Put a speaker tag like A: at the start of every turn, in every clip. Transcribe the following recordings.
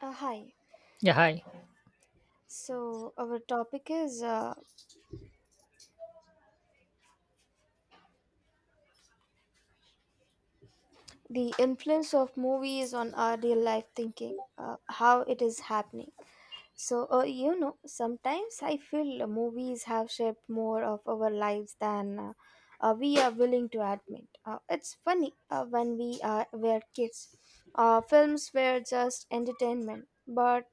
A: Hi.
B: Yeah, hi.
A: So, our topic is the influence of movies on our real life thinking, how it is happening. So, you know, sometimes I feel movies have shaped more of our lives than we are willing to admit. It's funny when we were kids, films were just entertainment, but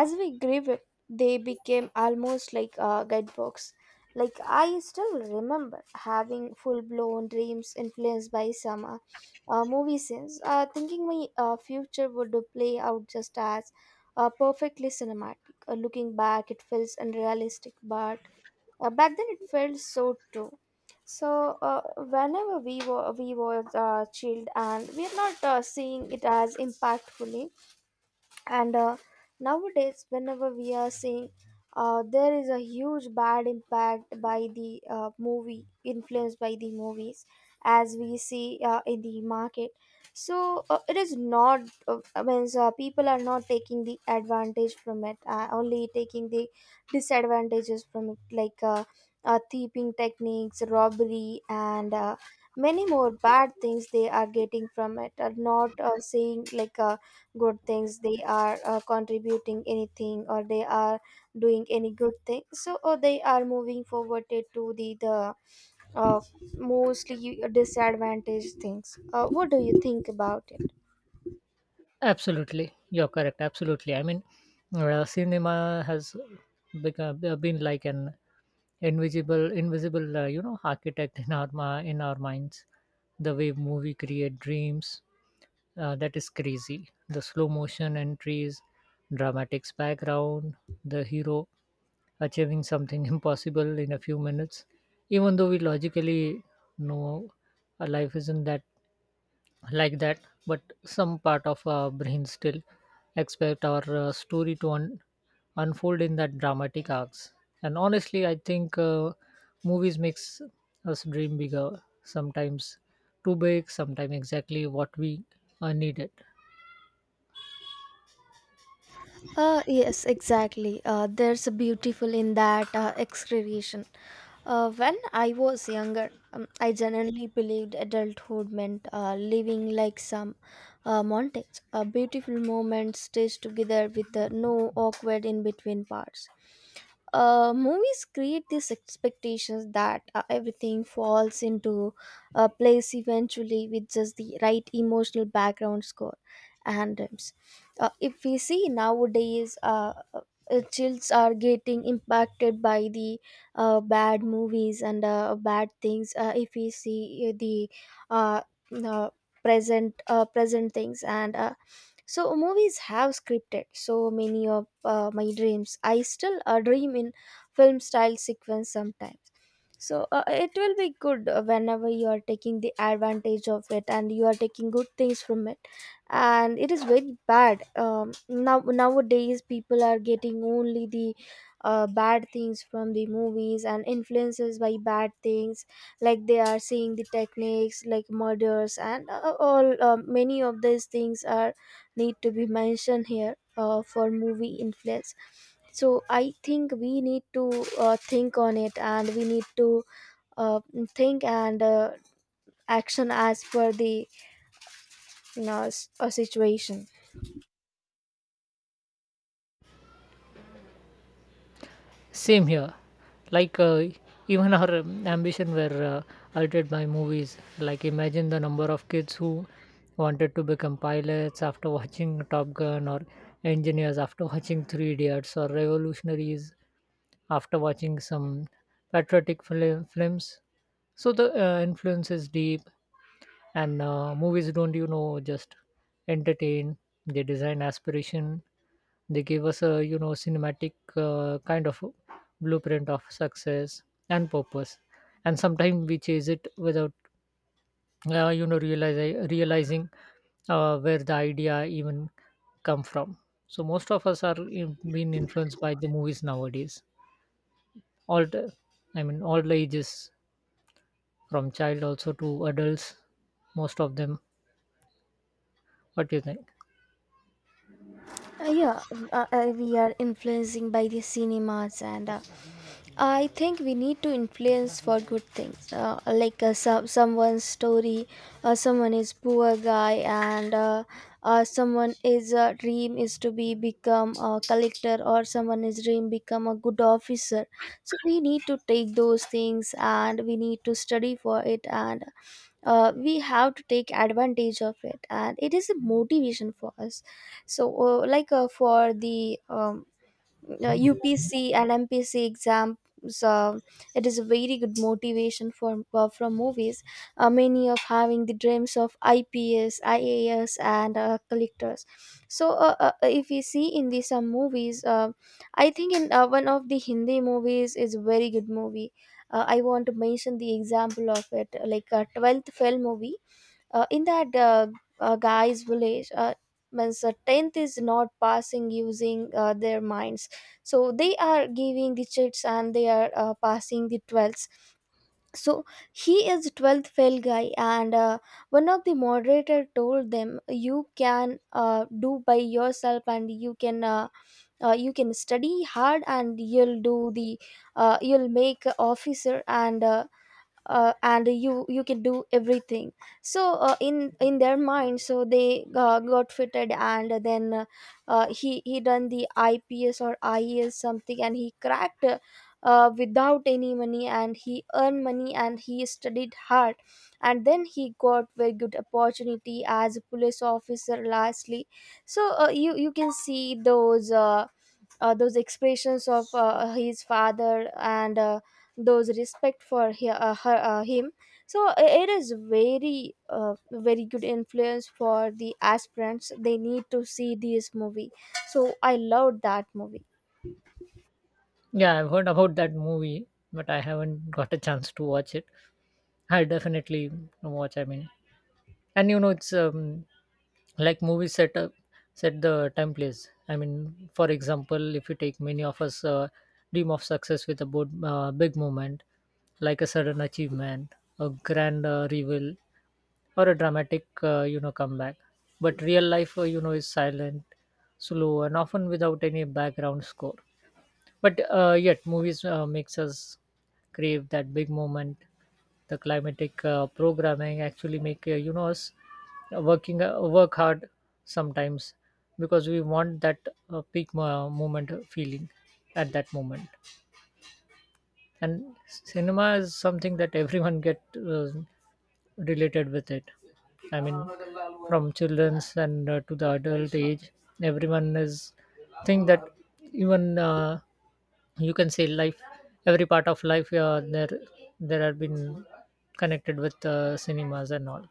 A: as we grew up, they became almost like guidebooks. Like I still remember having full-blown dreams influenced by some movie scenes, thinking my future would play out just as perfectly cinematic. Looking back, it feels unrealistic, but back then it felt so true. So whenever we were chilled and we are not seeing it as impactfully. And nowadays whenever we are seeing, there is a huge bad impact by the movie, influenced by the movies as we see in the market. So it is not, uh, means people are not taking the advantage from it, only taking the disadvantages from it, like thieving techniques, robbery, and many more bad things they are getting from it. Are not saying like good things they are contributing anything, or they are doing any good thing. So or they are moving forward it to the uh, mostly disadvantaged things. Uh, what do you think about it?
B: Absolutely. You're correct. Absolutely. I mean, cinema has been like an invisible architect in our in our minds. The way movie create dreams, that is crazy. The slow motion entries, dramatics background, the hero achieving something impossible in a few minutes, even though we logically know our life isn't that like that, but some part of our brain still expect our story to unfold in that dramatic arcs. And honestly, I think movies makes us dream bigger, sometimes too big, sometimes exactly what we needed.
A: Yes, exactly. There's a beautiful in that excavation. When I was younger, I generally believed adulthood meant living like some montage, a beautiful moment stitched together with no awkward in between parts. Movies create these expectations that everything falls into place eventually, with just the right emotional background score and rhymes. If we see nowadays, childs are getting impacted by the bad movies and bad things. Uh, if we see the uh, uh, present, present things, and so movies have scripted so many of my dreams. I still dream in film style sequence sometimes. So it will be good whenever you are taking the advantage of it and you are taking good things from it. And it is very bad, now nowadays people are getting only the bad things from the movies and influences by bad things. Like they are seeing the techniques like murders, and all, many of these things are need to be mentioned here for movie influence. So I think we need to think on it, and we need to uh, think and action as per the you know, situation.
B: Same here. Like even our ambition were altered by movies. Like imagine the number of kids who wanted to become pilots after watching Top Gun, or engineers after watching Three Idiots, or revolutionaries after watching some patriotic films. So the influence is deep, and movies don't just entertain. They design aspiration, they give us a cinematic kind of blueprint of success and purpose, and sometimes we chase it without realizing where the idea even come from. So most of us are being influenced by the movies nowadays, all the, I mean all the ages, from child also to adults, most of them. What do you think?
A: Uh, yeah. We are influencing by the cinemas, and I think we need to influence for good things, like someone's story. Someone is poor guy, and someone is dream is to be become a collector, or someone is dream become a good officer. So we need to take those things, and we need to study for it, and we have to take advantage of it, and it is a motivation for us. So, like for the UPC and MPC exams. Uh, it is a very good motivation for from movies. Many of having the dreams of IPS, IAS, and collectors. So if you see in the some movies, I think in one of the Hindi movies is a very good movie. I want to mention the example of it, like a 12th fail movie, in that guy's village, means the 10th is not passing using their minds, so they are giving the chits and they are passing the 12. So he is 12th fail guy, and one of the moderator told them you can do by yourself, and you can you can study hard and you'll do the, you'll make a officer, and you can do everything. So in their mind, so they got fitted, and then he done the ips or ies something, and he cracked, without any money, and he earned money, and he studied hard, and then he got very good opportunity as a police officer lastly. So you can see those expressions of his father, and those respect for he, her, him. So it is very very good influence for the aspirants. They need to see this movie. So I loved that movie.
B: Yeah, I've heard about that movie, but I haven't got a chance to watch it. I'll definitely watch. I mean, and it's like movies set the time place. I mean, for example, if you take many of us dream of success with a bold, big moment, like a sudden achievement, a grand reveal, or a dramatic, comeback. But real life, is silent, slow, and often without any background score. But yet, movies makes us crave that big moment. The climatic programming actually make us work hard sometimes, because we want that peak moment feeling at that moment. And cinema is something that everyone get related with it. I mean, from children's and to the adult age, everyone is think that, even you can say life, every part of life, there have been connected with cinemas and all.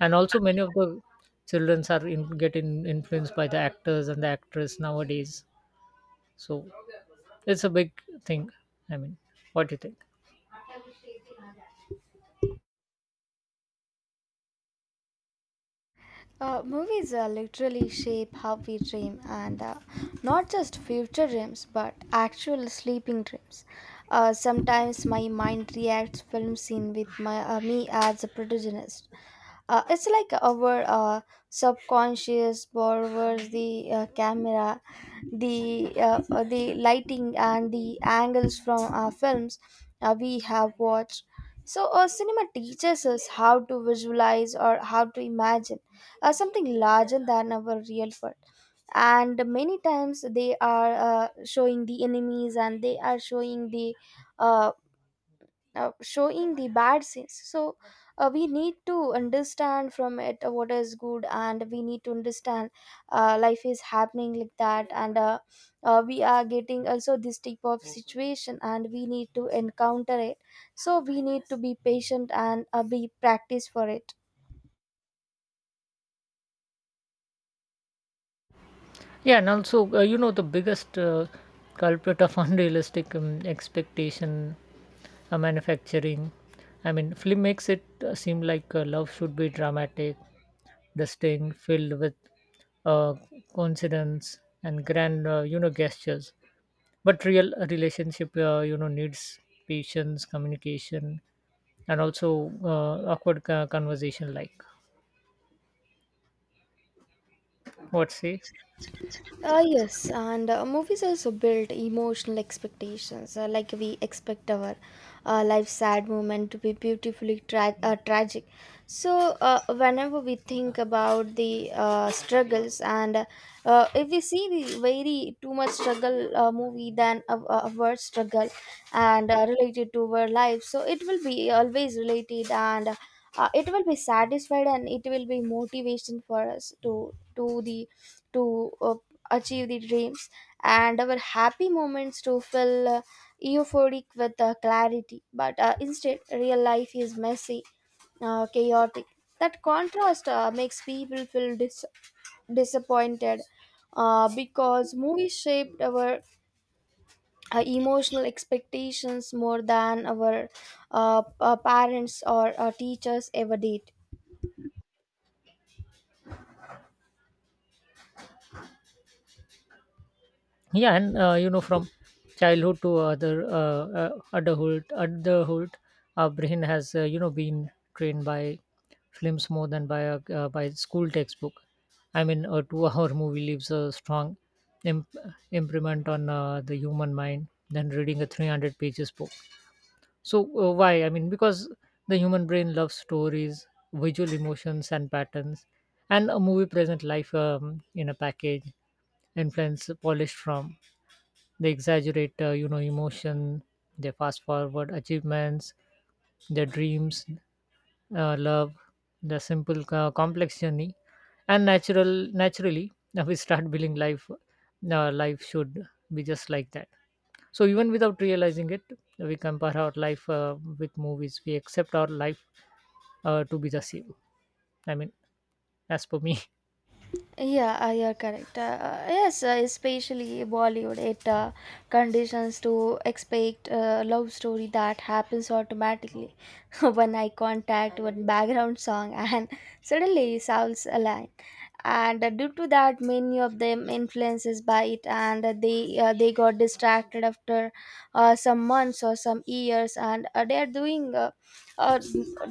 B: And also many of the childrens are influenced by the actors and the actress nowadays. So it's a big thing. I mean, what do you think?
A: Movies literally shape how we dream, and not just future dreams but actual sleeping dreams. Uh, sometimes my mind reacts film scene with my me as a protagonist. It's like our subconscious borrows the camera, the lighting, and the angles from films we have watched. So, cinema teaches us how to visualize or how to imagine something larger than our real world. And many times they are showing the enemies, and they are uh, showing the bad scenes. So we need to understand from it what is good, and we need to understand life is happening like that, and we are getting also this type of situation, and we need to encounter it. So we need to be patient, and be practice for it.
B: Yeah, and also, the biggest culprit of unrealistic expectation manufacturing. I mean, film makes it seem like love should be dramatic, distinct, filled with uh, coincidence and grand, gestures. But real relationship, needs patience, communication, and also awkward conversation. Like, what say?
A: Yes, and movies also build emotional expectations. Like we expect our life's sad moment to be beautifully tragic. So, whenever we think about the struggles, and if we see the very too much struggle movie than a, a word struggle, and related to our life, so it will be always related, and it will be satisfied, and it will be motivation for us to do the, to achieve the dreams, and our happy moments to fill euphoric with clarity, but instead real life is messy, chaotic. That contrast makes people feel disappointed, because movies shaped our emotional expectations more than our parents or teachers ever did.
B: Yeah, and from childhood to other adulthood, our brain has been trained by films more than by by school textbook. I mean, a 2-hour movie leaves a strong imp- imprint on the human mind than reading a 300 pages book. So why, I mean, because the human brain loves stories, visual emotions and patterns, and a movie present life in a package influence polished from. They exaggerate, emotion. They fast forward achievements, their dreams, love, the simple complex journey, and naturally we start building life. Life should be just like that. So even without realizing it, we compare our life with movies. We accept our life to be the same. I mean, as per me.
A: Yeah, you're correct. Yes, especially Bollywood, it conditions to expect a love story that happens automatically. One eye contact, one background song, and suddenly sounds align. And due to that, many of them influences by it, and they they got distracted after some months or some years, and they are doing. Uh,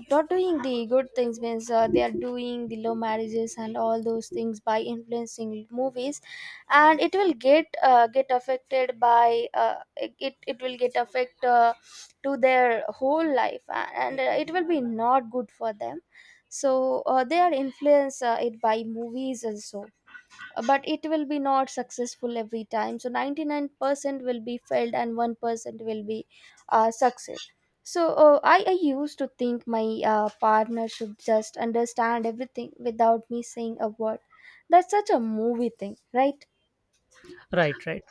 A: Not doing the good things, means they are doing the low marriages and all those things by influencing movies, and it will get, get affected by, it will get affect, to their whole life, and it will be not good for them. So they are influenced, it by movies also, but it will be not successful every time. So 99% will be failed, and 1% will be success. So I used to think my partner should just understand everything without me saying a word. That's such a movie thing, right?
B: Right, right.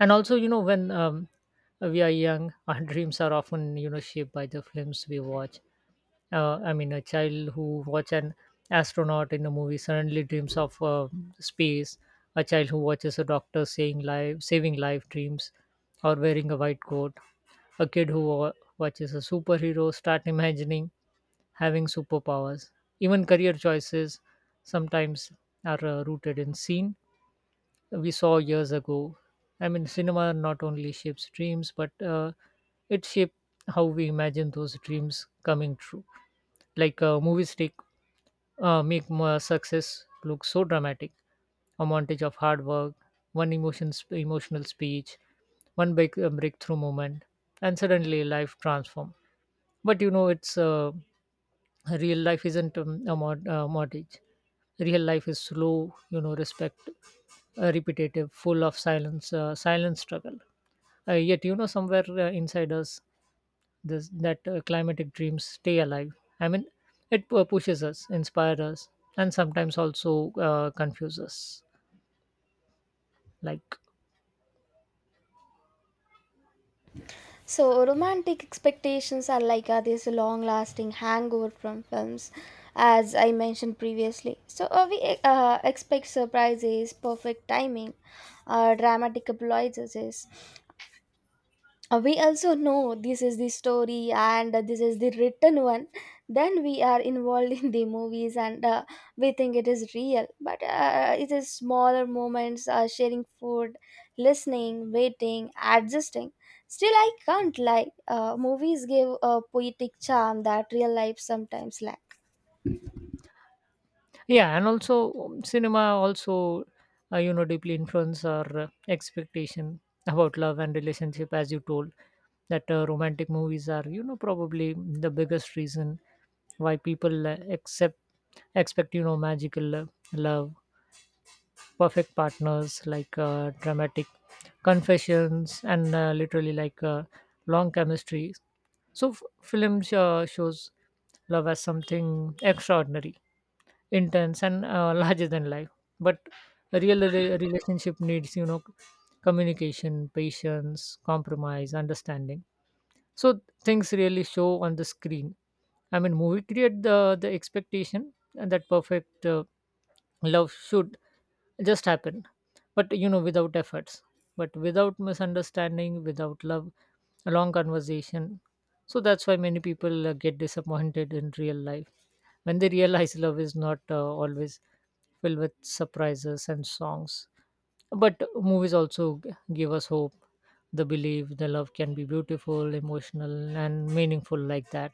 B: And also, when we are young, our dreams are often, shaped by the films we watch. I mean, a child who watch an astronaut in a movie suddenly dreams of space. A child who watches a doctor saving life dreams, or wearing a white coat. A kid who watches a superhero start imagining having superpowers. Even career choices sometimes are rooted in scene we saw years ago. I mean, cinema not only shapes dreams, but it shapes how we imagine those dreams coming true. Like movies take make more success look so dramatic. A montage of hard work, emotional speech, one big breakthrough moment, and suddenly life transforms. But it's real life isn't a mod mortgage. Real life is slow, repetitive, full of silence, silent struggle. Yet, somewhere inside us, this that climatic dreams stay alive. I mean, it pushes us, inspires us, and sometimes also confuses us. Like,
A: So romantic expectations are like this long lasting hangover from films, as I mentioned previously. So we expect surprises, perfect timing, dramatic appliances. We also know this is the story, and this is the written one. Then we are involved in the movies, and we think it is real, but it is smaller moments, sharing food, listening, waiting, adjusting. Still, I can't lie, movies give a poetic charm that real life sometimes lacks.
B: yeah, and also cinema also deeply influence our expectation about love and relationship, as you told, that romantic movies are probably the biggest reason why people accept expect magical love, perfect partners, like dramatic confessions, and literally like long chemistry. So film shows love as something extraordinary, intense, and larger than life. But a real relationship needs, communication, patience, compromise, understanding, so things really show on the screen. I mean, movie create the expectation and that perfect love should, it just happened, but without efforts, but without misunderstanding, without love, a long conversation. So that's why many people get disappointed in real life when they realize love is not always filled with surprises and songs. But movies also give us hope, the belief the love can be beautiful, emotional and meaningful, like that.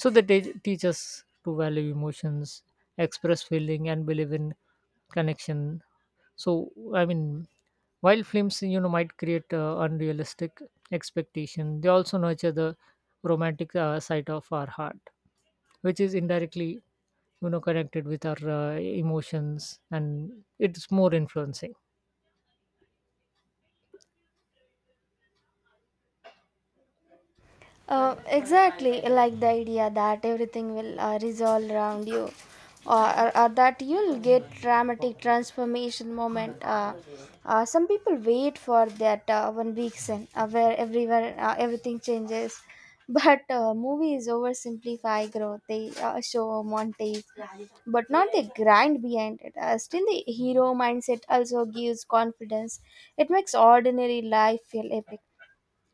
B: So they teach us to value emotions, express feeling and believe in connection. So, I mean, while films might create unrealistic expectation, they also nurture the romantic side of our heart, which is indirectly connected with our emotions, and it's more influencing.
A: Exactly, like the idea that everything will resolve around you, or that you'll get dramatic transformation moment. Some people wait for that one weekend where everywhere everything changes, but movies oversimplify growth. They show a montage, but not the grind behind it. Still, the hero mindset also gives confidence. It makes ordinary life feel epic.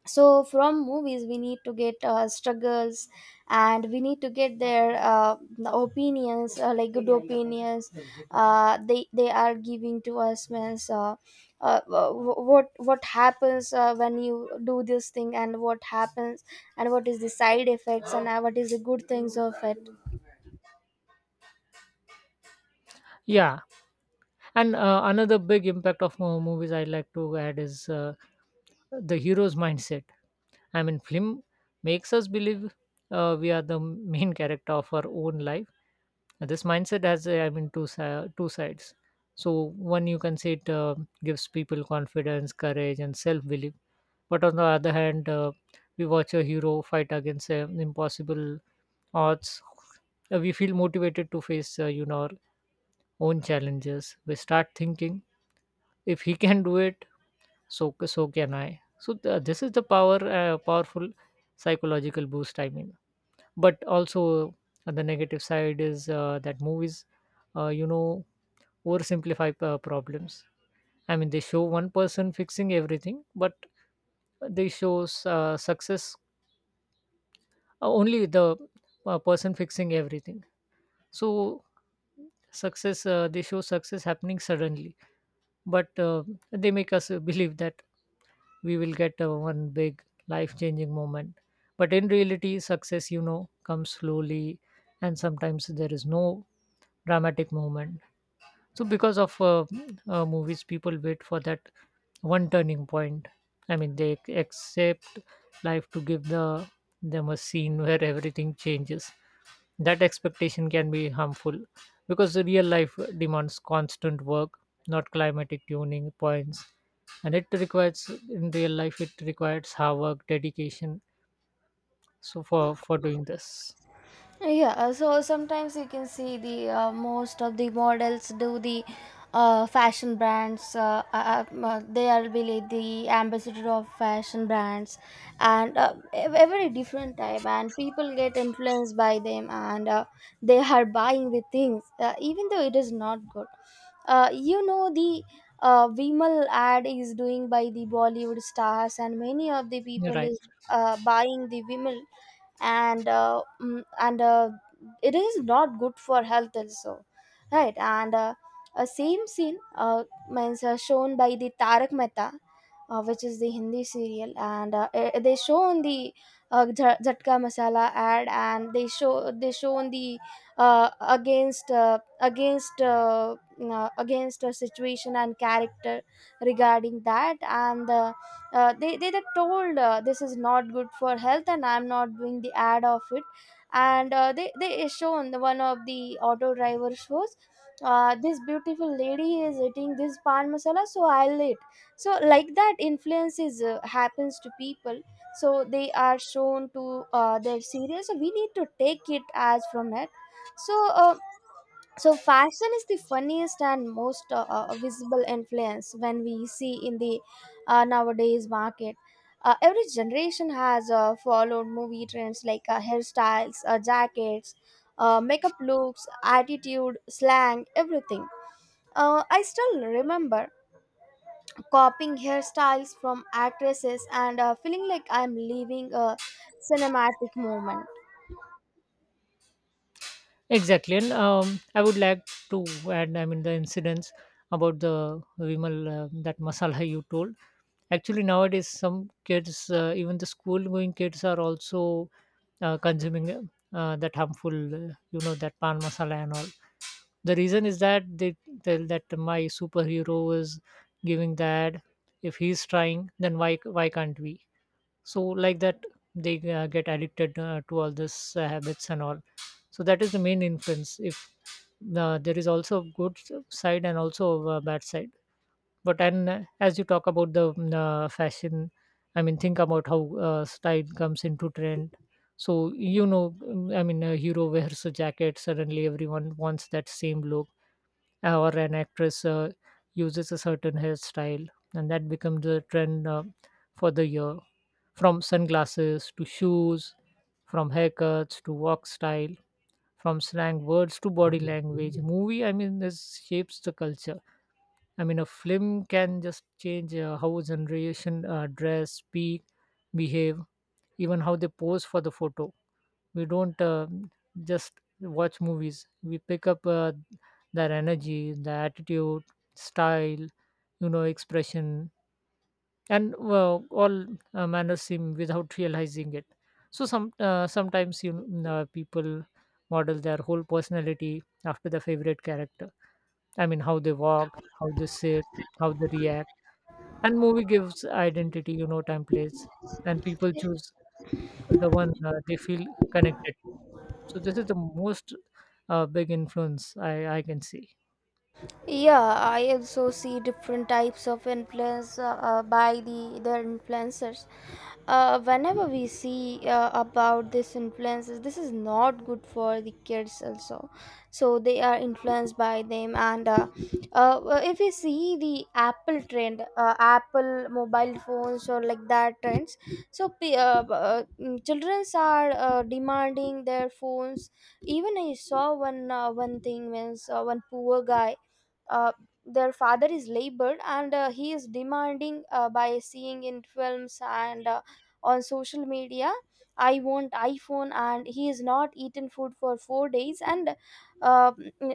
A: So from movies we need to get struggles, and we need to get their opinions, like good opinions they are giving to us, means what happens when you do this thing, and what happens, and what is the side effects, and what is the good things of it.
B: Yeah, and another big impact of movies I like to add is the hero's mindset. I mean, film makes us believe we are the main character of our own life. Now, this mindset has, I mean, two two sides. So one, you can say, it gives people confidence, courage and self belief. But on the other hand, we watch a hero fight against impossible odds. We feel motivated to face our own challenges. We start thinking, if he can do it, so so can I. So this is the powerful psychological boost. I mean, but also the negative side is that movies uh, you know oversimplify problems. I mean, they show one person fixing everything, but they shows success, only the person fixing everything. So success they show success happening suddenly, but they make us believe that we will get one big life changing moment. But in reality, success comes slowly, and sometimes there is no dramatic moment. So because of movies, people wait for that one turning point. I mean, they accept life to give them a scene where everything changes. That expectation can be harmful, because the real life demands constant work, not climatic tuning points, and it requires in real life it requires hard work, dedication. So for doing this,
A: Yeah, so sometimes you can see the most of the models do the fashion brands. They are really the ambassador of fashion brands, and every different type. And people get influenced by them, and they are buying the things, even though it is not good. You know the Vimal ad is doing by the Bollywood stars, and many of the
B: you're
A: people
B: right.
A: is buying the Vimal, and it is not good for health also, right. and A same scene, means shown by the Tarak Mehta, which is the Hindi serial, and they show on the Jhatka Masala ad, and they show on the, against a situation and character regarding that, and the they were told, this is not good for health and I'm not doing the ad of it. And They shown the one of the auto driver shows, this beautiful lady is eating this pan masala, so I'll eat. So like that influence is, happens to people. So they are shown to their cereal, so we need to take it as from it. so uh, so, fashion is the funniest and most visible influence when we see in the nowadays market. Every generation has followed movie trends like hairstyles, jackets, makeup looks, attitude, slang, everything. I still remember copying hairstyles from actresses and feeling like I'm living a cinematic moment.
B: Exactly, and I would like to add. I mean, the incidents about the Vimal, that masala you told. Actually, nowadays some kids, even the school-going kids, are also consuming, that harmful, that pan masala and all. The reason is that they tell that my superhero is giving that. If he's trying, then why can't we? So like that, they get addicted to all this habits and all. So that is the main influence. If there is also good side and also bad side. But and as you talk about the fashion, I mean, think about how style comes into trend. So, I mean, a hero wears a jacket, suddenly everyone wants that same look. Or an actress uses a certain hairstyle, and that becomes the trend for the year. From sunglasses to shoes, from haircuts to walk style, from slang words to body language, movie, I mean, this shapes the culture. I mean, a film can just change how a generation dress, speak, behave, even how they pose for the photo. We don't just watch movies. We pick up their energy, their attitude, style, expression, and well, all manners seem without realizing it. So sometimes people model their whole personality after their favorite character. I mean, how they walk, how they sit, how they react, and movie gives identity, you know, templates, and people choose the one they feel connected to. So this is the most big influence I can see.
A: Yeah, I also see different types of influence by their influencers. Whenever we see about this influences, this is not good for the kids also. So they are influenced by them, and if we see the Apple trend, Apple mobile phones or like that trends, so childrens are demanding their phones. Even I saw one thing, means one poor guy. uh, their father is labored, and he is demanding, by seeing in films and on social media, I want iPhone, and he is not eaten food for 4 days. and uh,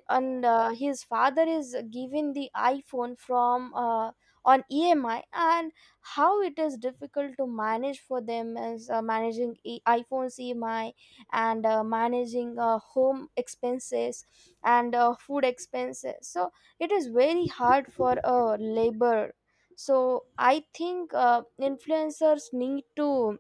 A: and uh, his father is given the iPhone from, on EMI, and how it is difficult to manage for them as managing iPhone's EMI, and managing home expenses and food expenses, so it is very hard for a labor. So I think influencers need to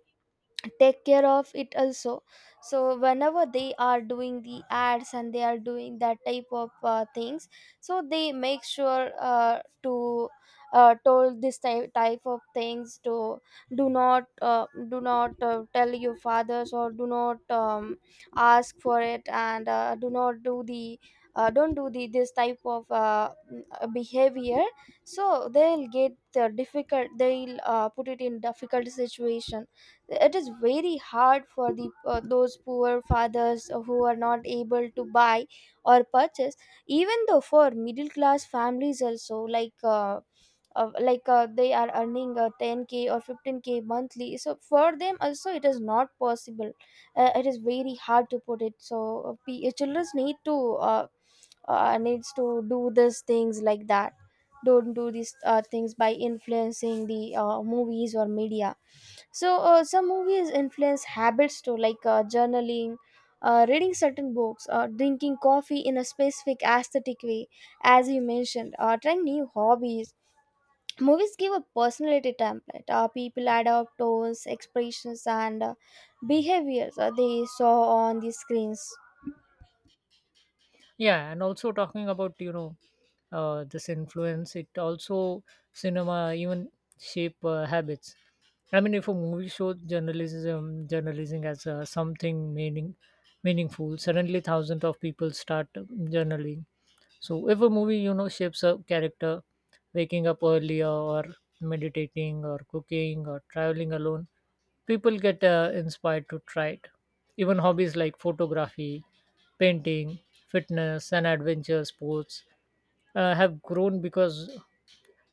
A: take care of it also, so whenever they are doing the ads and they are doing that type of things, so they make sure to told this type of things to do not tell your fathers, or do not ask for it, and do not do the don't do the this type of behavior, so they'll get the difficult, they'll put it in difficult situation. It is very hard for the those poor fathers who are not able to buy or purchase, even though for middle class families also, like they are earning 10K or 15K monthly, so for them also it is not possible. It is very hard to put it, so children need to needs to do these things like that, don't do these things by influencing the movies or media. Some movies influence habits too, like journaling, reading certain books, drinking coffee in a specific aesthetic way, as you mentioned, trying new hobbies. Movies give a personality template. People adopt tones, expressions, and behaviors they saw on the screens.
B: Yeah, and also talking about, you know, this influence, it also, cinema even shape habits. I mean, if a movie shows journalism as something meaningful, suddenly thousands of people start journaling. So if a movie, you know, shapes a character waking up earlier or meditating or cooking or traveling alone, people get inspired to try it. Even hobbies like photography, painting, fitness, and adventure sports have grown because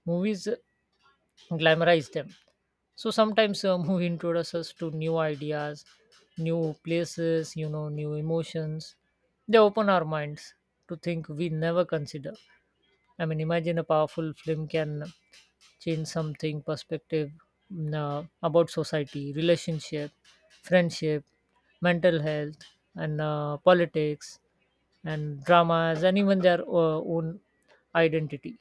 B: movies glamorize them. So sometimes a movie introduces us to new ideas, new places, you know, new emotions. They open our minds to think we never consider. I mean, imagine a powerful film can change something perspective about society, relationship, friendship, mental health, and politics, and dramas, and even their own identity.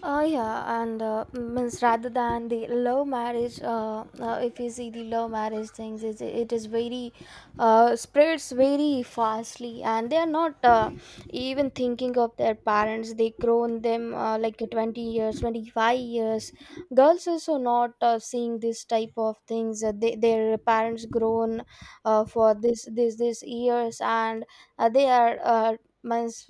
A: Yeah. and means Rather than the love marriage, if you see the love marriage things, it is very, spreads very fastly, and they are not even thinking of their parents. They grown them like 20 years, 25 years. Girls also not seeing this type of things. Their parents grown for this years, and they are, means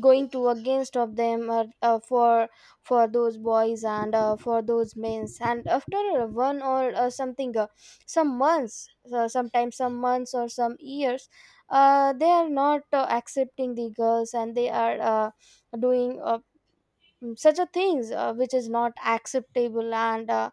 A: going to against of them, for those boys and for those men's, and after one or something, some months, sometimes some months or some years, they are not accepting the girls, and they are doing, such a things which is not acceptable. And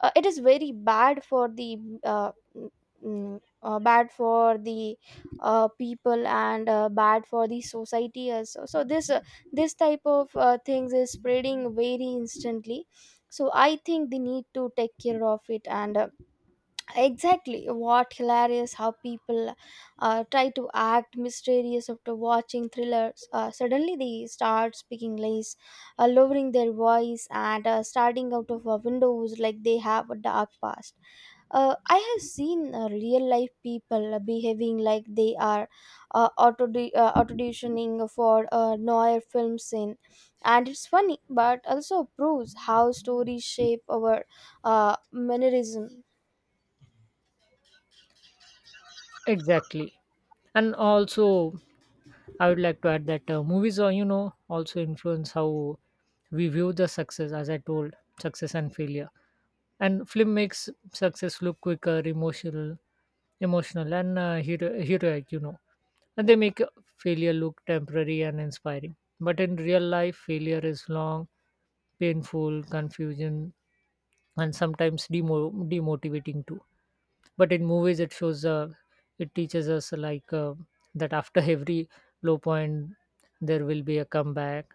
A: It is very bad for the, uh, mm, bad for the people, and bad for the society also. So this, this type of things is spreading very instantly. So I think they need to take care of it. And Exactly, what hilarious how people try to act mysterious after watching thrillers, suddenly they start speaking less, lowering their voice and starting out of windows like they have a dark past. I have seen real life people behaving like they are auto auditioning for a noir film scene, and it's funny but also proves how stories shape our mannerism.
B: Exactly. And also, I would like to add that movies are, you know, also influence how we view the success, as I told, success and failure. And film makes success look quicker, emotional, emotional, and heroic, you know, and they make failure look temporary and inspiring. But in real life, failure is long, painful, confusion, and sometimes demotivating too. But in movies, it shows, it teaches us like that after every low point, there will be a comeback.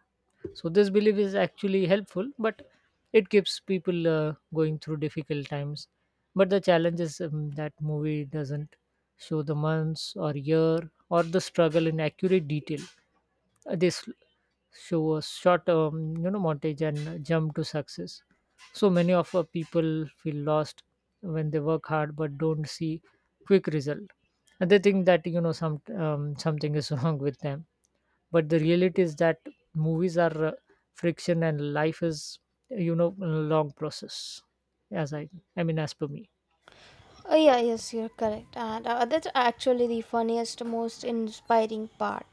B: So this belief is actually helpful, but it keeps people going through difficult times. But the challenge is that movie doesn't show the months or year or the struggle in accurate detail. Uh, they s- show a short you know, montage and jump to success. So many of our people feel lost when they work hard but don't see quick result, and they think that, you know, something is wrong with them. But the reality is that movies are friction and life is, you know, a long process, as I mean, as per me.
A: Yeah, yes, you're correct. And That's actually the funniest, most inspiring part.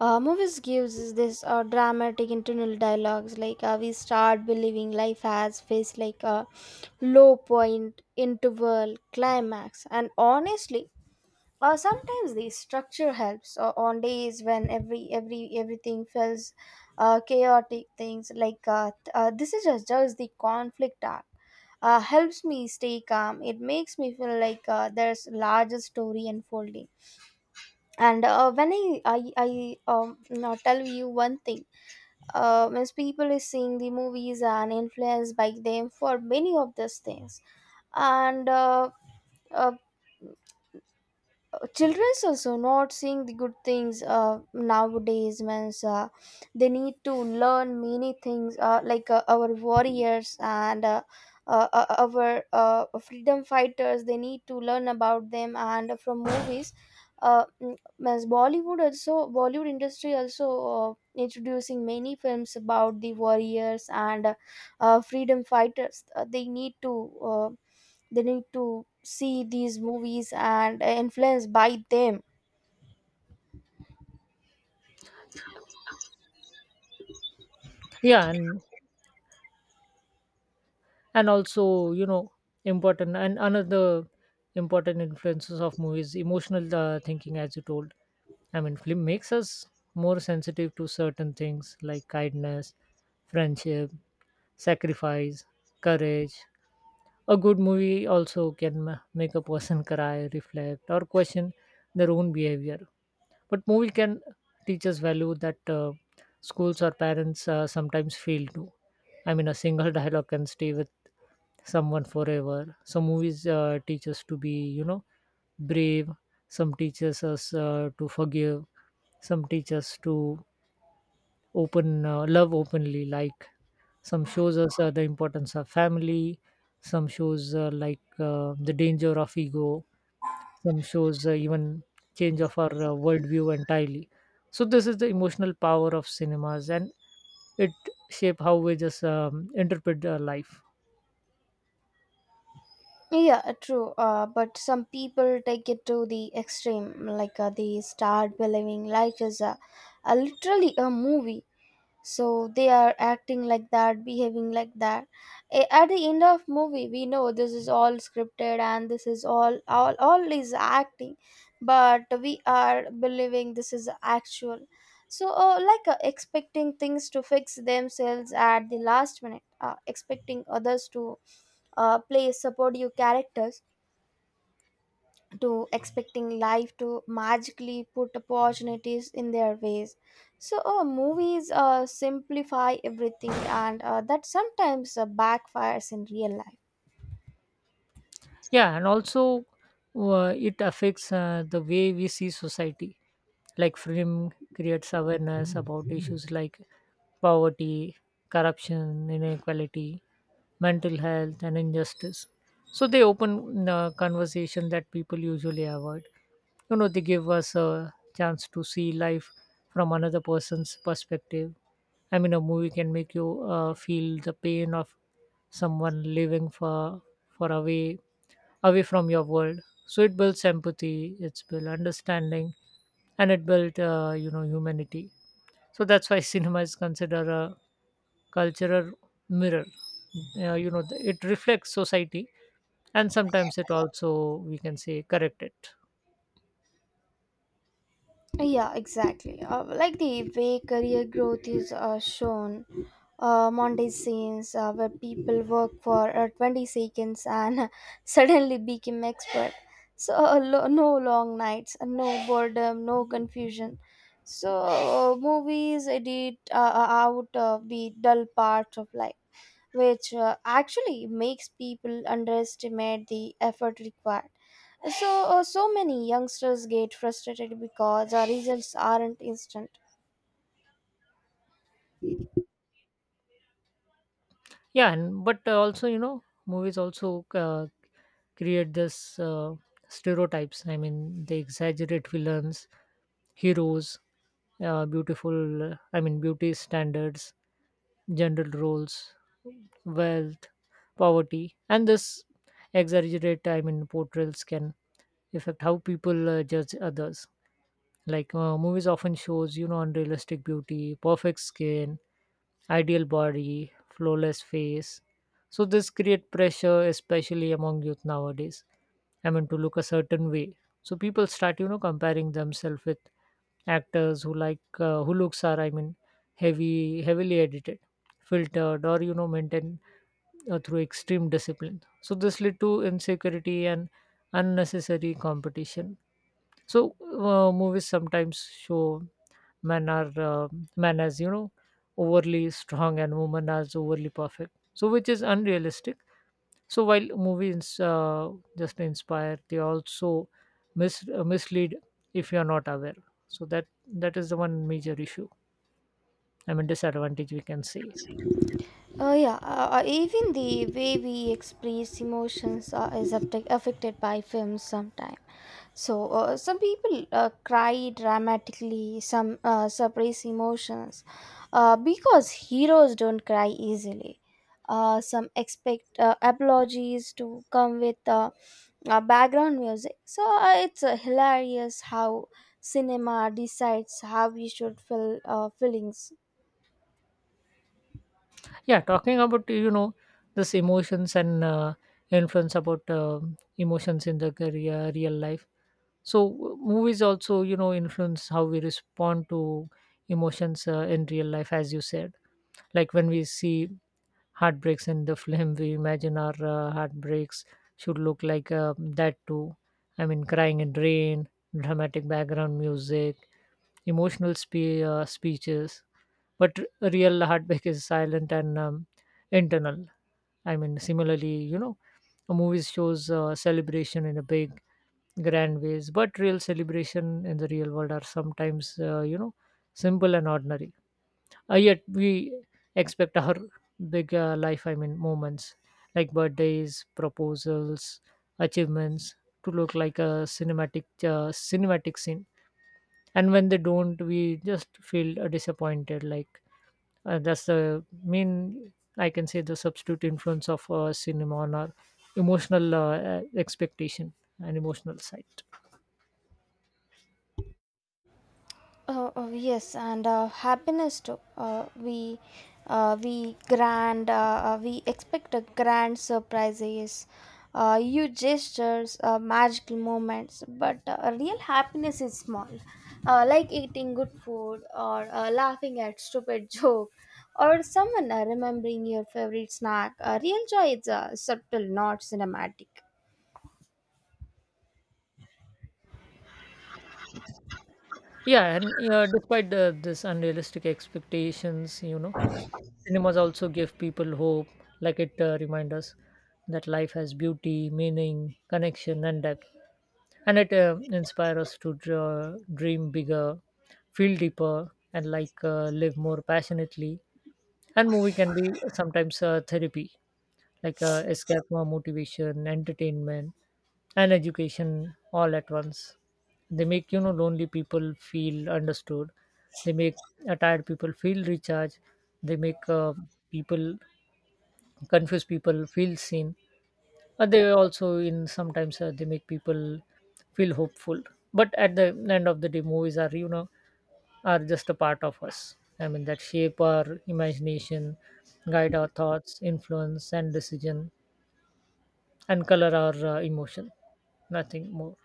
A: Movies gives us this dramatic internal dialogues, like we start believing life has faced like a low point, interval, climax, and honestly, or sometimes the structure helps on days when everything feels chaotic, things like this is just the conflict art. Helps me stay calm. It makes me feel like there's larger story unfolding. And when I now tell you one thing, as people is seeing the movies and influenced by them for many of these things, and uh, children's also not seeing the good things nowadays, means they need to learn many things, like our warriors and our freedom fighters. They need to learn about them and from movies. Mm, means bollywood also Bollywood industry also uh, introducing many films about the warriors and freedom fighters. They need to see these movies and influenced by them.
B: Yeah, and also, you know, important and another important influences of movies emotional thinking, as you told. I mean, film makes us more sensitive to certain things like kindness, friendship, sacrifice, courage. A good movie also can make a person cry, reflect, or question their own behavior. But movie can teach us value that schools or parents sometimes fail to. I mean, a single dialogue can stay with someone forever. Some movies teach us to be, you know, brave, some teaches us to forgive, some teach us to open love openly, like some shows us the importance of family, some shows like the danger of ego, some shows even change of our worldview entirely. So this is the emotional power of cinemas, and it shape how we just interpret life.
A: Yeah, true, but some people take it to the extreme, like they start believing life is a literally a movie, so they are acting like that, behaving like that. At the end of movie, we know this is all scripted, and this is all is acting, but we are believing this is actual. Like expecting things to fix themselves at the last minute, expecting others to play support you characters, to expecting life to magically put opportunities in their ways. So, movies simplify everything, and that sometimes backfires in real life.
B: Yeah, and also it affects the way we see society. Like film creates awareness about issues like poverty, corruption, inequality, mental health, and injustice. So they open conversation that people usually avoid. You know, they give us a chance to see life from another person's perspective. I mean, a movie can make you feel the pain of someone living for away away from your world. So it builds empathy, it's built understanding, and it built, you know, humanity. So that's why cinema is considered a cultural mirror, you know, it reflects society, and sometimes it also, we can say, correct it.
A: Yeah, exactly. Like the way career growth is shown, Monday scenes where people work for 20 seconds and suddenly become expert. So no long nights, no boredom, no confusion. So movies edit out of the dull parts of life, which actually makes people underestimate the effort required. So, so many youngsters get frustrated because our results aren't instant.
B: Yeah, and but also, you know, movies also create this stereotypes. I mean, they exaggerate villains, heroes, beautiful I mean, beauty standards, general roles, wealth, poverty, and this exaggerate, I mean, portrayals can affect how people judge others. Like movies often shows, you know, unrealistic beauty, perfect skin, ideal body, flawless face. So this create pressure, especially among youth nowadays. I mean, to look a certain way. So people start, you know, comparing themselves with actors who like who looks are, I mean, heavily edited, filtered, or, you know, maintained through extreme discipline. So this lead to insecurity and unnecessary competition. So movies sometimes show men are uh, men as, you know, overly strong and women as overly perfect. So which is unrealistic. So while movies just inspire, they also mislead if you are not aware. So that that is the one major issue. I mean, disadvantage we can see.
A: Yeah, even the way we express emotions is affected by films sometimes. So, some people cry dramatically, some suppress emotions because heroes don't cry easily. Some expect apologies to come with background music. So it's hilarious how cinema decides how we should feel feelings.
B: Yeah, talking about, you know, this emotions and influence about emotions in the career, real life. So movies also, you know, influence how we respond to emotions in real life, as you said. Like when we see heartbreaks in the film, we imagine our heartbreaks should look like that too. I mean, crying in rain, dramatic background music, emotional speeches. But real heartbreak is silent and internal. I mean, similarly, you know, a movie shows celebration in a big grand ways, but real celebration in the real world are sometimes, you know, simple and ordinary, yet we expect our big life, I mean, moments like birthdays, proposals, achievements to look like a cinematic cinematic scene, and when they don't, we just feel disappointed, like that's the main, I can say, the substitute influence of cinema on our emotional expectation and emotional side.
A: Yes, and happiness too. We expect a grand surprises, huge gestures, magical moments. But real happiness is small, like eating good food, or laughing at stupid joke, or someone remembering your favorite snack. Real joy is subtle, not cinematic.
B: Yeah, and despite the this unrealistic expectations, you know, cinemas also give people hope. Like it reminds us that life has beauty, meaning, connection, and depth, and it inspires us to draw, dream bigger, feel deeper, and like live more passionately. And movie can be sometimes therapy, like escape from motivation, entertainment, and education all at once. They make, you know, lonely people feel understood. They make tired people feel recharged. They make people confused people feel seen. They also in sometimes they make people feel hopeful. But at the end of the day, movies are, you know, are just a part of us. I mean, that shape our imagination, guide our thoughts, influence and decision, and color our emotion. Nothing more.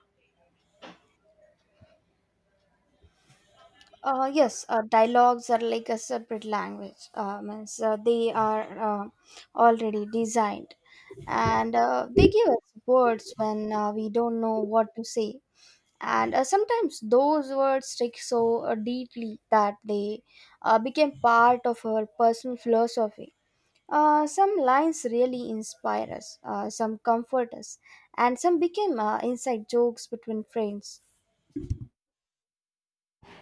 A: Yes, dialogues are like a separate language. Means They are already designed, and they give us words when we don't know what to say. And sometimes those words stick so deeply that they became part of our personal philosophy. Some lines really inspire us, some comfort us, and some became inside jokes between friends.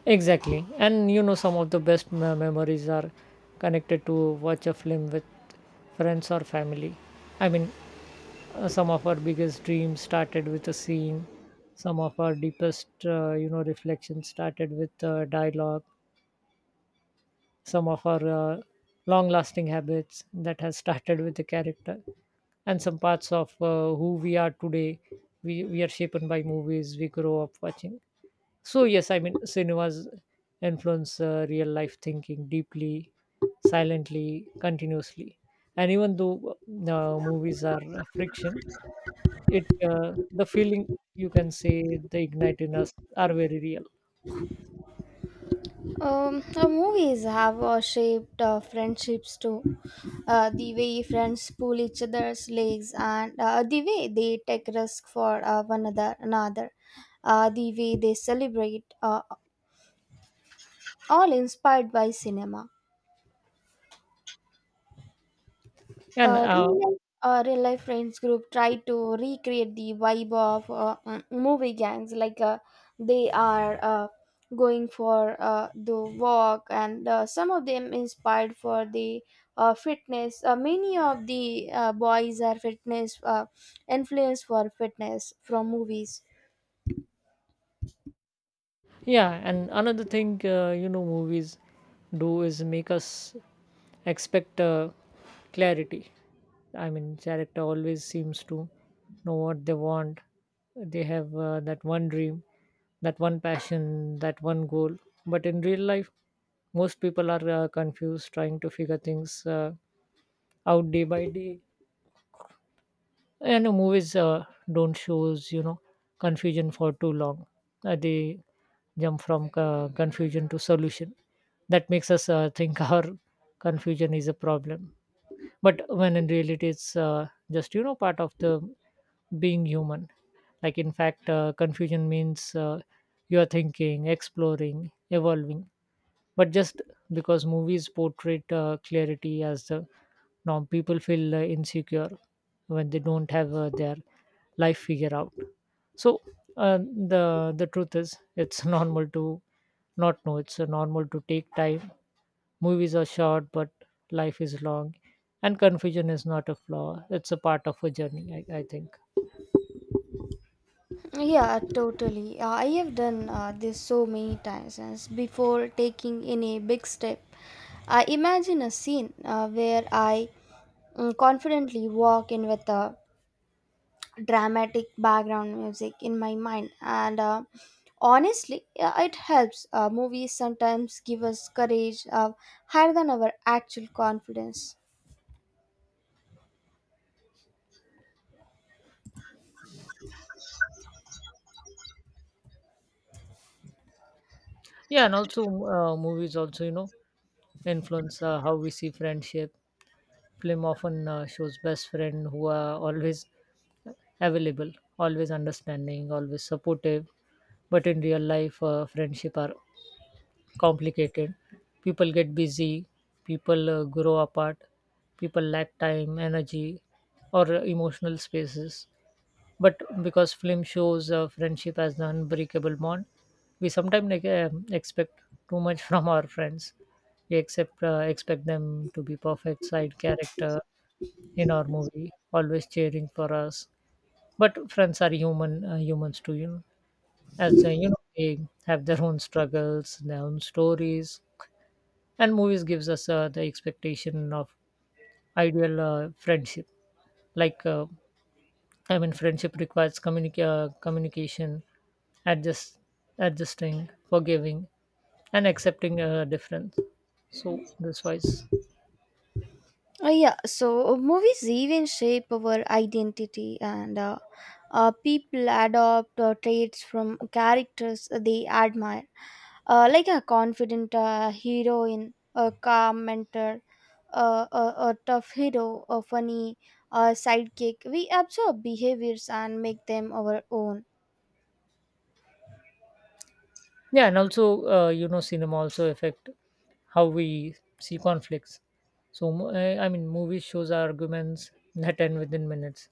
B: Exactly. And, you know, some of the best memories are connected to watch a film with friends or family. I mean, some of our biggest dreams started with a scene. Some of our deepest, you know, reflections started with dialogue. Some of our uh, long-lasting habits that has started with the character, and some parts of who we are today, we are shaped by movies we grow up watching. So yes, I mean, cinema's influence real life thinking deeply, silently, continuously, and even though movies are a friction, it the feeling, you can say, they ignite in us are very real.
A: Movies have shaped friendships too. The way friends pull each other's legs, and the way they take risk for one another. The way they celebrate, all inspired by cinema.
B: And
A: Real life friends group try to recreate the vibe of movie gangs like they are going for the walk, and some of them inspired for the fitness. Many of the boys are fitness influenced for fitness from movies.
B: yeah, and another thing, you know, movies do is make us expect clarity. I mean, character always seems to know what they want. They have that one dream, that one passion, that one goal, but in real life, most people are confused, trying to figure things out day by day, and movies don't shows, you know, confusion for too long. They jump from confusion to solution. That makes us think our confusion is a problem, but when in reality it's just, you know, part of the being human. Like in fact confusion means you are thinking, exploring, evolving, but just because movies portray clarity as the norm, people feel insecure when they don't have their life figured out. So uh, the truth is it's normal to not know, it's normal to take time. Movies are short, but life is long, and confusion is not a flaw, it's a part of a journey, I think.
A: Yeah, totally. I have done this so many times. As before taking any big step, I imagine a scene where I confidently walk in with a dramatic background music in my mind, and honestly, yeah, it helps. Movies sometimes give us courage higher than our actual confidence.
B: Yeah, and also movies also, you know, influence how we see friendship. Film often shows best friend who are always available, always understanding, always supportive. But in real life, friendship are complicated. People get busy, people grow apart, people lack time, energy, or emotional spaces. But because film shows friendship as the unbreakable bond, we sometimes like, expect too much from our friends. We accept, expect them to be perfect side character in our movie, always cheering for us. But friends are human, humans too, you know. As, you know, they have their own struggles, their own stories, and movies gives us the expectation of ideal friendship. Like uh, friendship requires communication, adjust, adjusting, forgiving, and accepting difference, so this wise.
A: Yeah, so movies even shape our identity, and people adopt traits from characters they admire, like a confident heroine, a calm mentor, uh, a, a tough hero, a funny sidekick. We absorb behaviors and make them our own.
B: Yeah, and also, you know, cinema also affect how we see conflicts. So I mean movies shows arguments that end within minutes,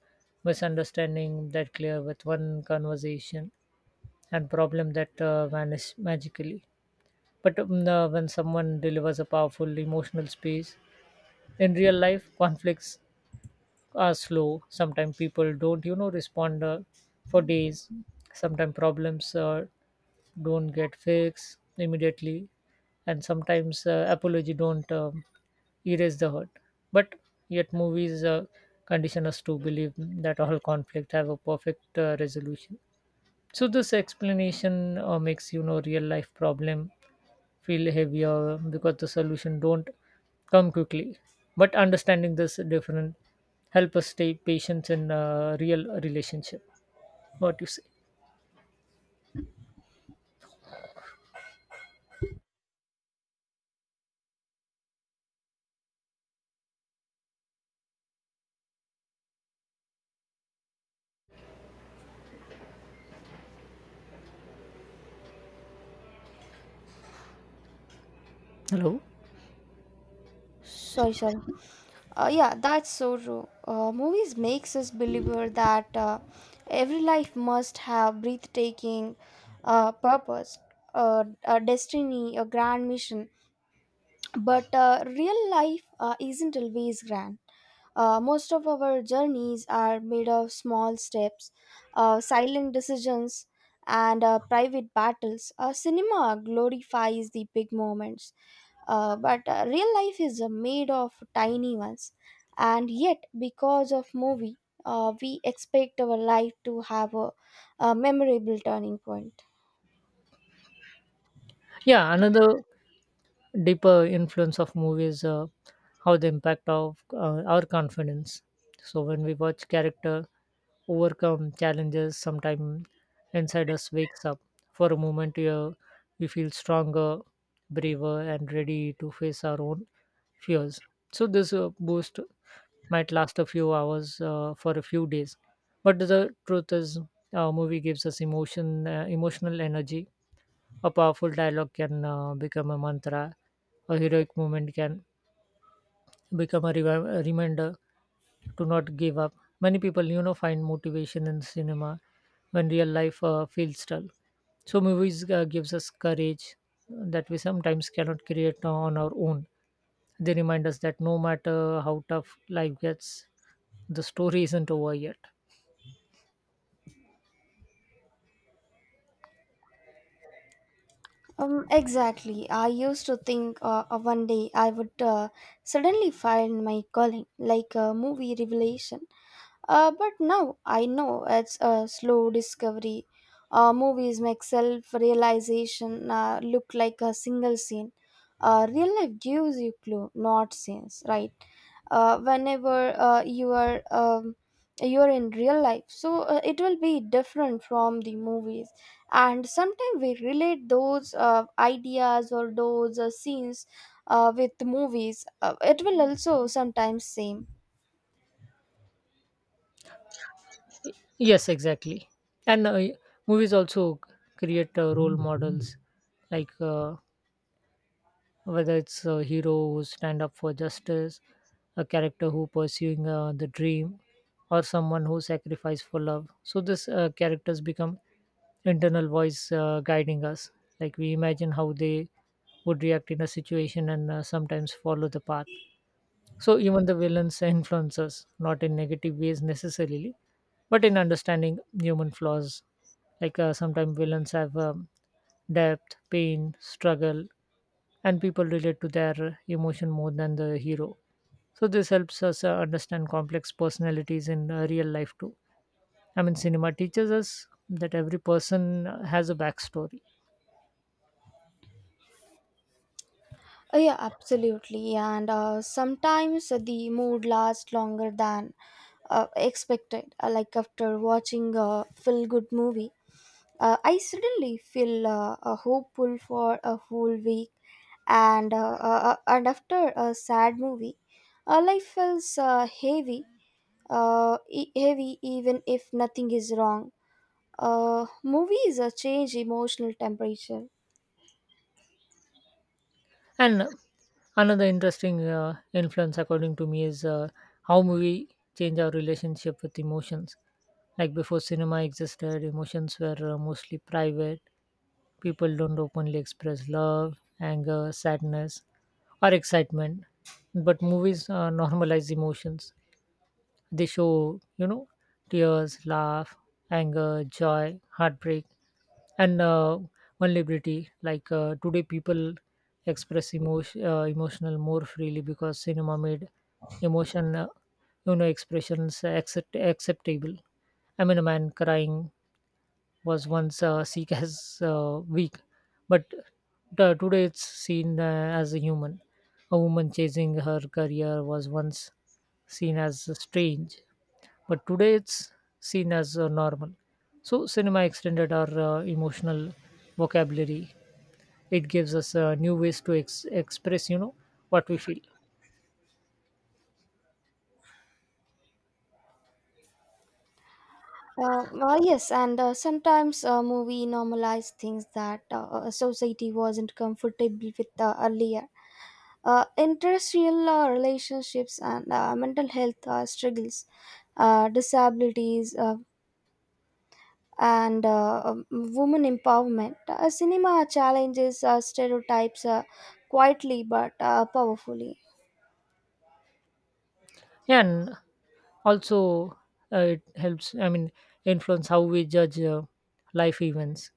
B: misunderstanding that clear with one conversation, and problem that vanish magically. But when someone delivers a powerful emotional space in real life, conflicts are slow. Sometimes people don't, you know, respond for days. Sometimes problems don't get fixed immediately, and sometimes apology don't erase the hurt. But yet movies condition us to believe that all conflict have a perfect resolution. So this explanation makes, you know, real life problem feel heavier because the solution don't come quickly. But understanding this different help us stay patient in a real relationship. What you say? Hello.
A: Sorry, sorry. Yeah, that's so true. Movies makes us believer that every life must have breathtaking purpose, a destiny, a grand mission. But real life isn't always grand. Most of our journeys are made of small steps, silent decisions, and private battles. Cinema glorifies the big moments, but real life is made of tiny ones, and yet because of movie, we expect our life to have a memorable turning point.
B: Yeah, another deeper influence of movies, how the impact of our confidence. So when we watch character overcome challenges, sometimes inside us wakes up. For a moment, we feel stronger, braver, and ready to face our own fears. So this boost might last a few hours, for a few days, but the truth is a movie gives us emotional energy. A powerful dialogue can become a mantra. A heroic moment can become a, a reminder to not give up. Many people, you know, find motivation in cinema when real life feels dull. So movies gives us courage that we sometimes cannot create on our own. They remind us that no matter how tough life gets, the story isn't over yet.
A: Exactly. I used to think one day I would suddenly find my calling, like a movie revelation. But now I know it's a slow discovery. Movies make self realization look like a single scene. Real life gives you clue, not scenes, right? Whenever you are in real life, so it will be different from the movies. And sometimes we relate those ideas or those scenes with movies. It will also sometimes same.
B: Yes, exactly. And movies also create role models, like uh, whether it's a hero who stand up for justice, a character who pursuing the dream, or someone who sacrificed for love. So these characters become internal voice guiding us. Like, we imagine how they would react in a situation and sometimes follow the path. So even the villains influence us, not in negative ways necessarily, but in understanding human flaws. Like, sometimes villains have depth, pain, struggle, and people relate to their emotion more than the hero. So this helps us understand complex personalities in real life too. I mean, cinema teaches us that every person has a backstory.
A: Yeah, absolutely. And sometimes the mood lasts longer than expected. Like after watching a feel good movie, I suddenly feel hopeful for a whole week. And after a sad movie, life feels heavy, heavy even if nothing is wrong. Movies change emotional temperature.
B: And another interesting influence, according to me, is how movie change our relationship with emotions. Like, before cinema existed, emotions were mostly private. People don't openly express love, anger, sadness, or excitement, but movies normalize emotions. They show, you know, tears, laugh, anger, joy, heartbreak, and vulnerability. Like, today people express emotional more freely because cinema made emotion, you know, acceptable. I mean, a man crying was once seen as weak, but today it's seen as a human. A woman chasing her career was once seen as strange, but today it's seen as normal. So, cinema extended our emotional vocabulary. It gives us new ways to express, you know, what we feel.
A: Well, yes, and sometimes a movie normalize things that society wasn't comfortable with earlier. Interracial relationships, and mental health struggles, disabilities, and women empowerment. Cinema challenges stereotypes quietly but powerfully.
B: Yeah, and also it helps. I mean, influence how we judge life events.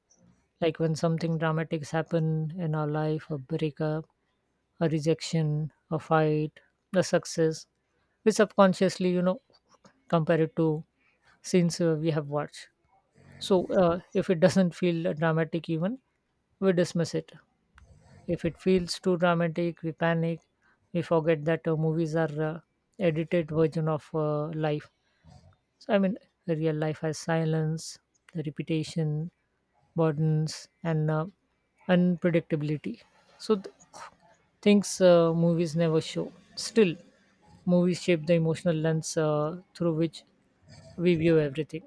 B: Like, when something dramatics happen in our life, a breakup, a rejection, a fight, a success, we subconsciously, you know, compare it to scenes we have watched. So if it doesn't feel dramatic even, we dismiss it. If it feels too dramatic, we panic. We forget that movies are edited version of life. So I mean, the real life has silence, the repetition, burdens, and unpredictability. So things movies never show. Still, movies shape the emotional lens through which we view everything,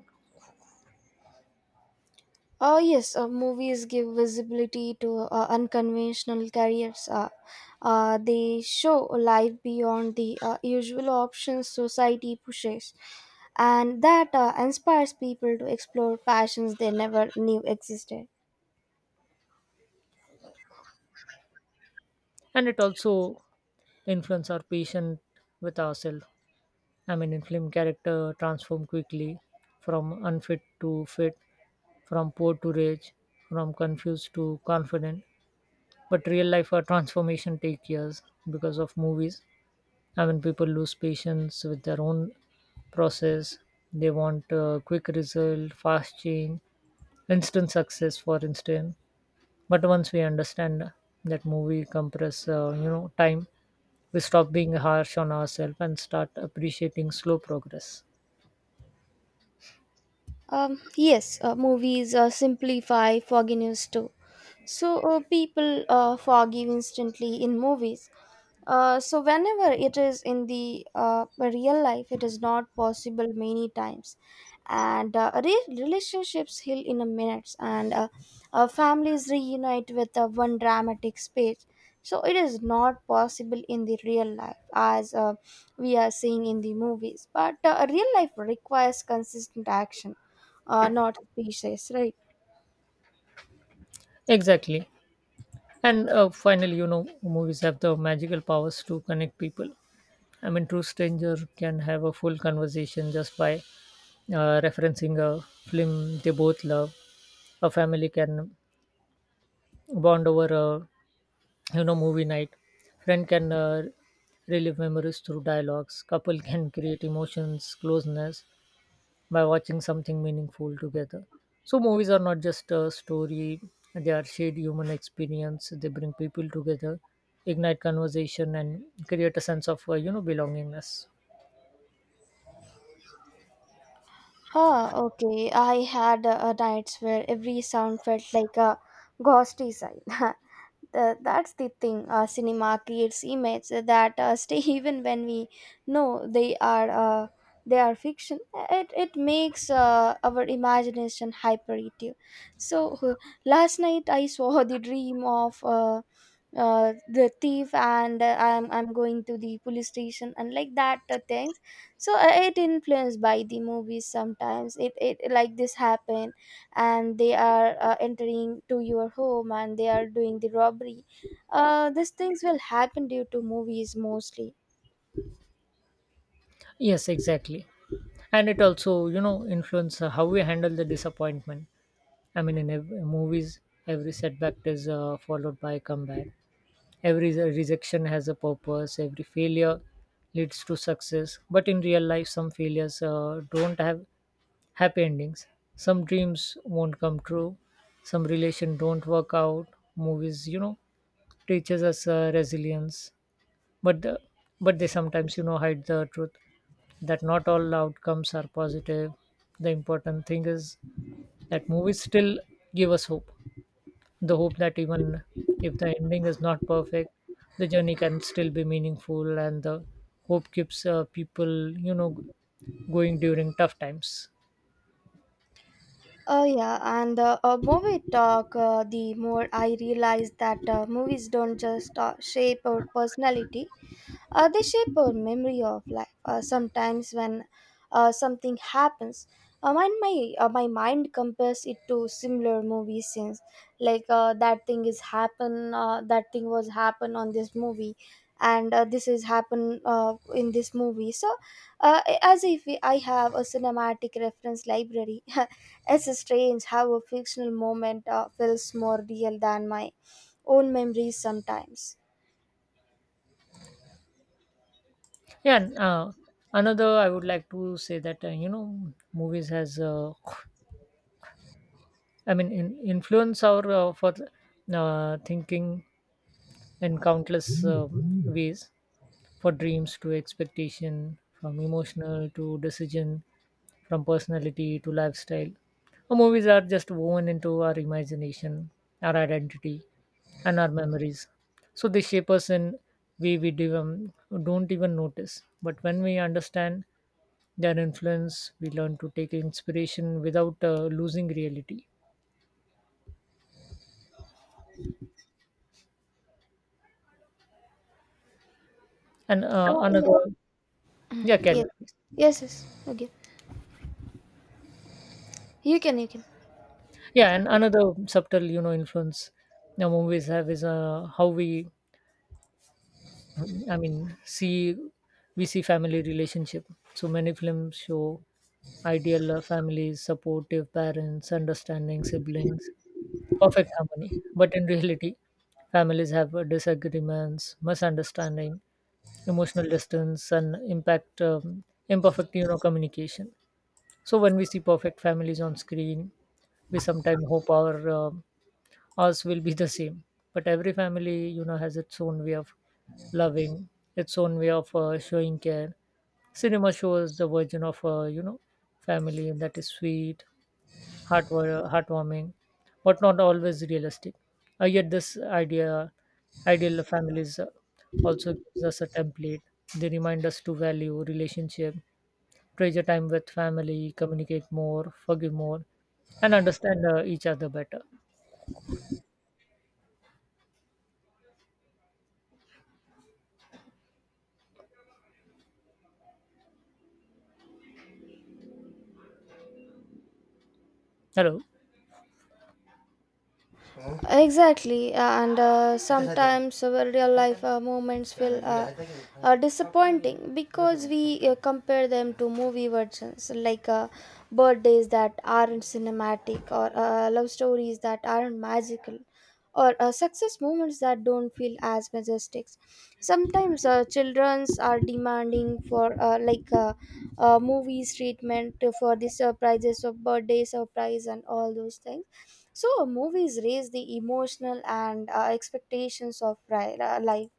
A: Yes, movies give visibility to unconventional careers. They show a life beyond the usual options society pushes, and that inspires people to explore passions they never knew existed.
B: and it also influence our patient with ourselves. I mean, in film, character transform quickly from unfit to fit, from poor to rich, from confused to confident, but real life transformation take years. Because of movies, I mean, people lose patience with their own process. They want quick result, fast change, instant success, for instance. But once we understand that movie compress, you know, time, we stop being harsh on ourselves and start appreciating slow progress.
A: Yes, movies simplify forgiveness too. So people forgive instantly in movies. So whenever it is in the real life, it is not possible many times, and relationships heal in a minutes, and families reunite with one dramatic speech. So it is not possible in the real life as we are seeing in the movies, but real life requires consistent action, not speeches, right?
B: Exactly. And finally, you know, movies have the magical powers to connect people. I mean, true stranger can have a full conversation just by referencing a film they both love. A family can bond over a, you know, movie night. Friend can relive memories through dialogues. Couple can create emotions closeness by watching something meaningful together. So movies are not just a story; they are shared human experience. They bring people together, ignite conversation, and create a sense of, you know, belongingness.
A: Ah, okay. I had nights where every sound felt like a ghostly sign. That's the thing. Cinema creates images that stay even when we know they are fiction. It makes our imagination hyperactive. So last night I saw the dream of. The thief, and I'm going to the police station, and like that thing. So I it influenced by the movies sometimes, it like this happen, and they are entering to your home, and they are doing the robbery. These things will happen due to movies mostly.
B: Yes, exactly. And it also, you know, influence how we handle the disappointment. I mean, in movies, every setback is followed by a comeback. Every rejection has a purpose. Every failure leads to success. But in real life, some failures don't have happy endings. Some dreams won't come true. Some relation don't work out. Movies, you know, teaches us resilience, but the but they sometimes, you know, hide the truth that not all outcomes are positive. The important thing is that movies still give us hope, the hope that even if the ending is not perfect, the journey can still be meaningful, and the hope keeps, people, you know, going during tough times.
A: Oh yeah, and more we talk, the more I realize that movies don't just shape our personality; they shape our memory of life. Sometimes when something happens, my mind compares it to similar movie scenes. Like that thing is happen, that thing was happen on this movie, and this is happen in this movie. So, as if I have a cinematic reference library. It's strange how a fictional moment feels more real than my own memories sometimes.
B: Yeah, and, another I would like to say that, you know, movies has, I mean, influence our, for thinking in countless ways, for dreams to expectation, from emotional to decision, from personality to lifestyle. Our movies are just woven into our imagination, our identity, and our memories. So they shape us in way we do, don't even notice. But when we understand their influence, we learn to take inspiration without losing reality. And
A: Yeah.
B: another, yeah, carry
A: Yes,
B: on.
A: yes, yes. Okay, you can, you can.
B: Yeah, and another subtle, you know, influence the movies have is how we, I mean see we see family relationship. So many films show ideal families, supportive parents, understanding siblings, perfect harmony. But in reality, families have disagreements, misunderstanding, emotional distance, and impact, imperfect, you know, communication. So when we see perfect families on screen, we sometimes hope our, ours will be the same. But every family, you know, has its own way of loving, its own way of, showing care. Cinema shows the version of, you know, family that is sweet, heartwarming, but not always realistic. Yet this ideal families also gives us a template. They remind us to value relationship, treasure time with family, communicate more, forgive more, and understand each other better. Hello.
A: Exactly, and sometimes our real life moments feel disappointing because we compare them to movie versions, like birthdays that aren't cinematic, or love stories that aren't magical, or success moments that don't feel as majestic. Sometimes childrens are demanding for movies treatment for the surprises of birthday surprise and all those things. So movies raise the emotional and expectations of life.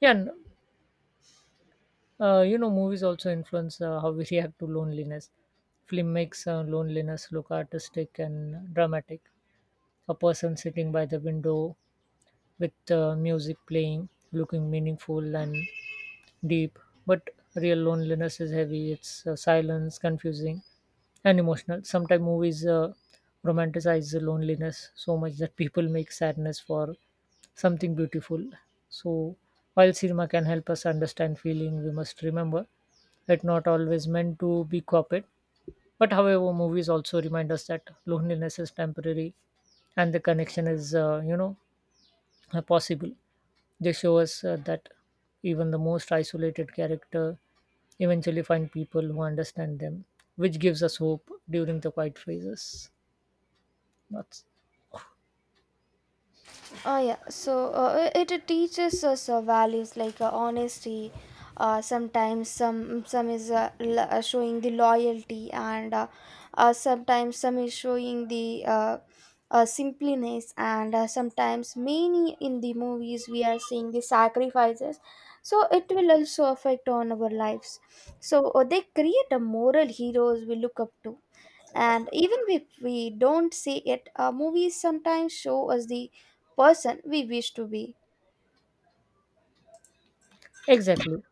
B: yeah n- you know, movies also influence how we react to loneliness. Film makes loneliness look artistic and dramatic. A person sitting by the window with music playing, looking meaningful and deep. But real loneliness is heavy. It's silence, confusing, and emotional. Sometimes movies romanticize the loneliness so much that people make sadness for something beautiful. So, while cinema can help us understand feeling, we must remember it not always meant to be copied. But, however, movies also remind us that loneliness is temporary and the connection is, you know, possible. They show us that even the most isolated character eventually find people who understand them, which gives us hope during the quiet phases. That's
A: Oh yeah, so it teaches us values like honesty. Sometimes some is showing the loyalty, and sometimes some is showing the simpliness, and sometimes many in the movies we are seeing the sacrifices. So it will also affect on our lives. So they create a moral heroes we look up to, and even if we don't see it, movies sometimes show us the person we wish to be.
B: exactly.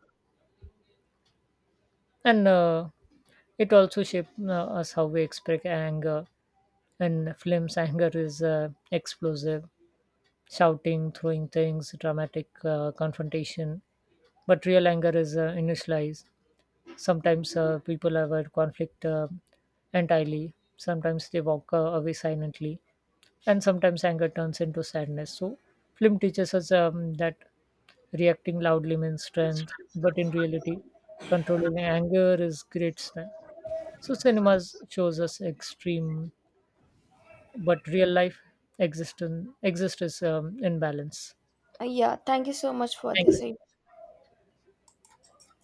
B: And it also shaped us how we express anger. In films, anger is explosive, shouting, throwing things, dramatic confrontation. But real anger is initialized. Sometimes people avoid conflict entirely, sometimes they walk away silently, and sometimes anger turns into sadness. So film teaches us, that reacting loudly means strength, but in reality controlling anger is great strength. So cinemas shows us extreme, but real life exist is, in balance.
A: Yeah, thank you so much for
B: Thank you.
A: this.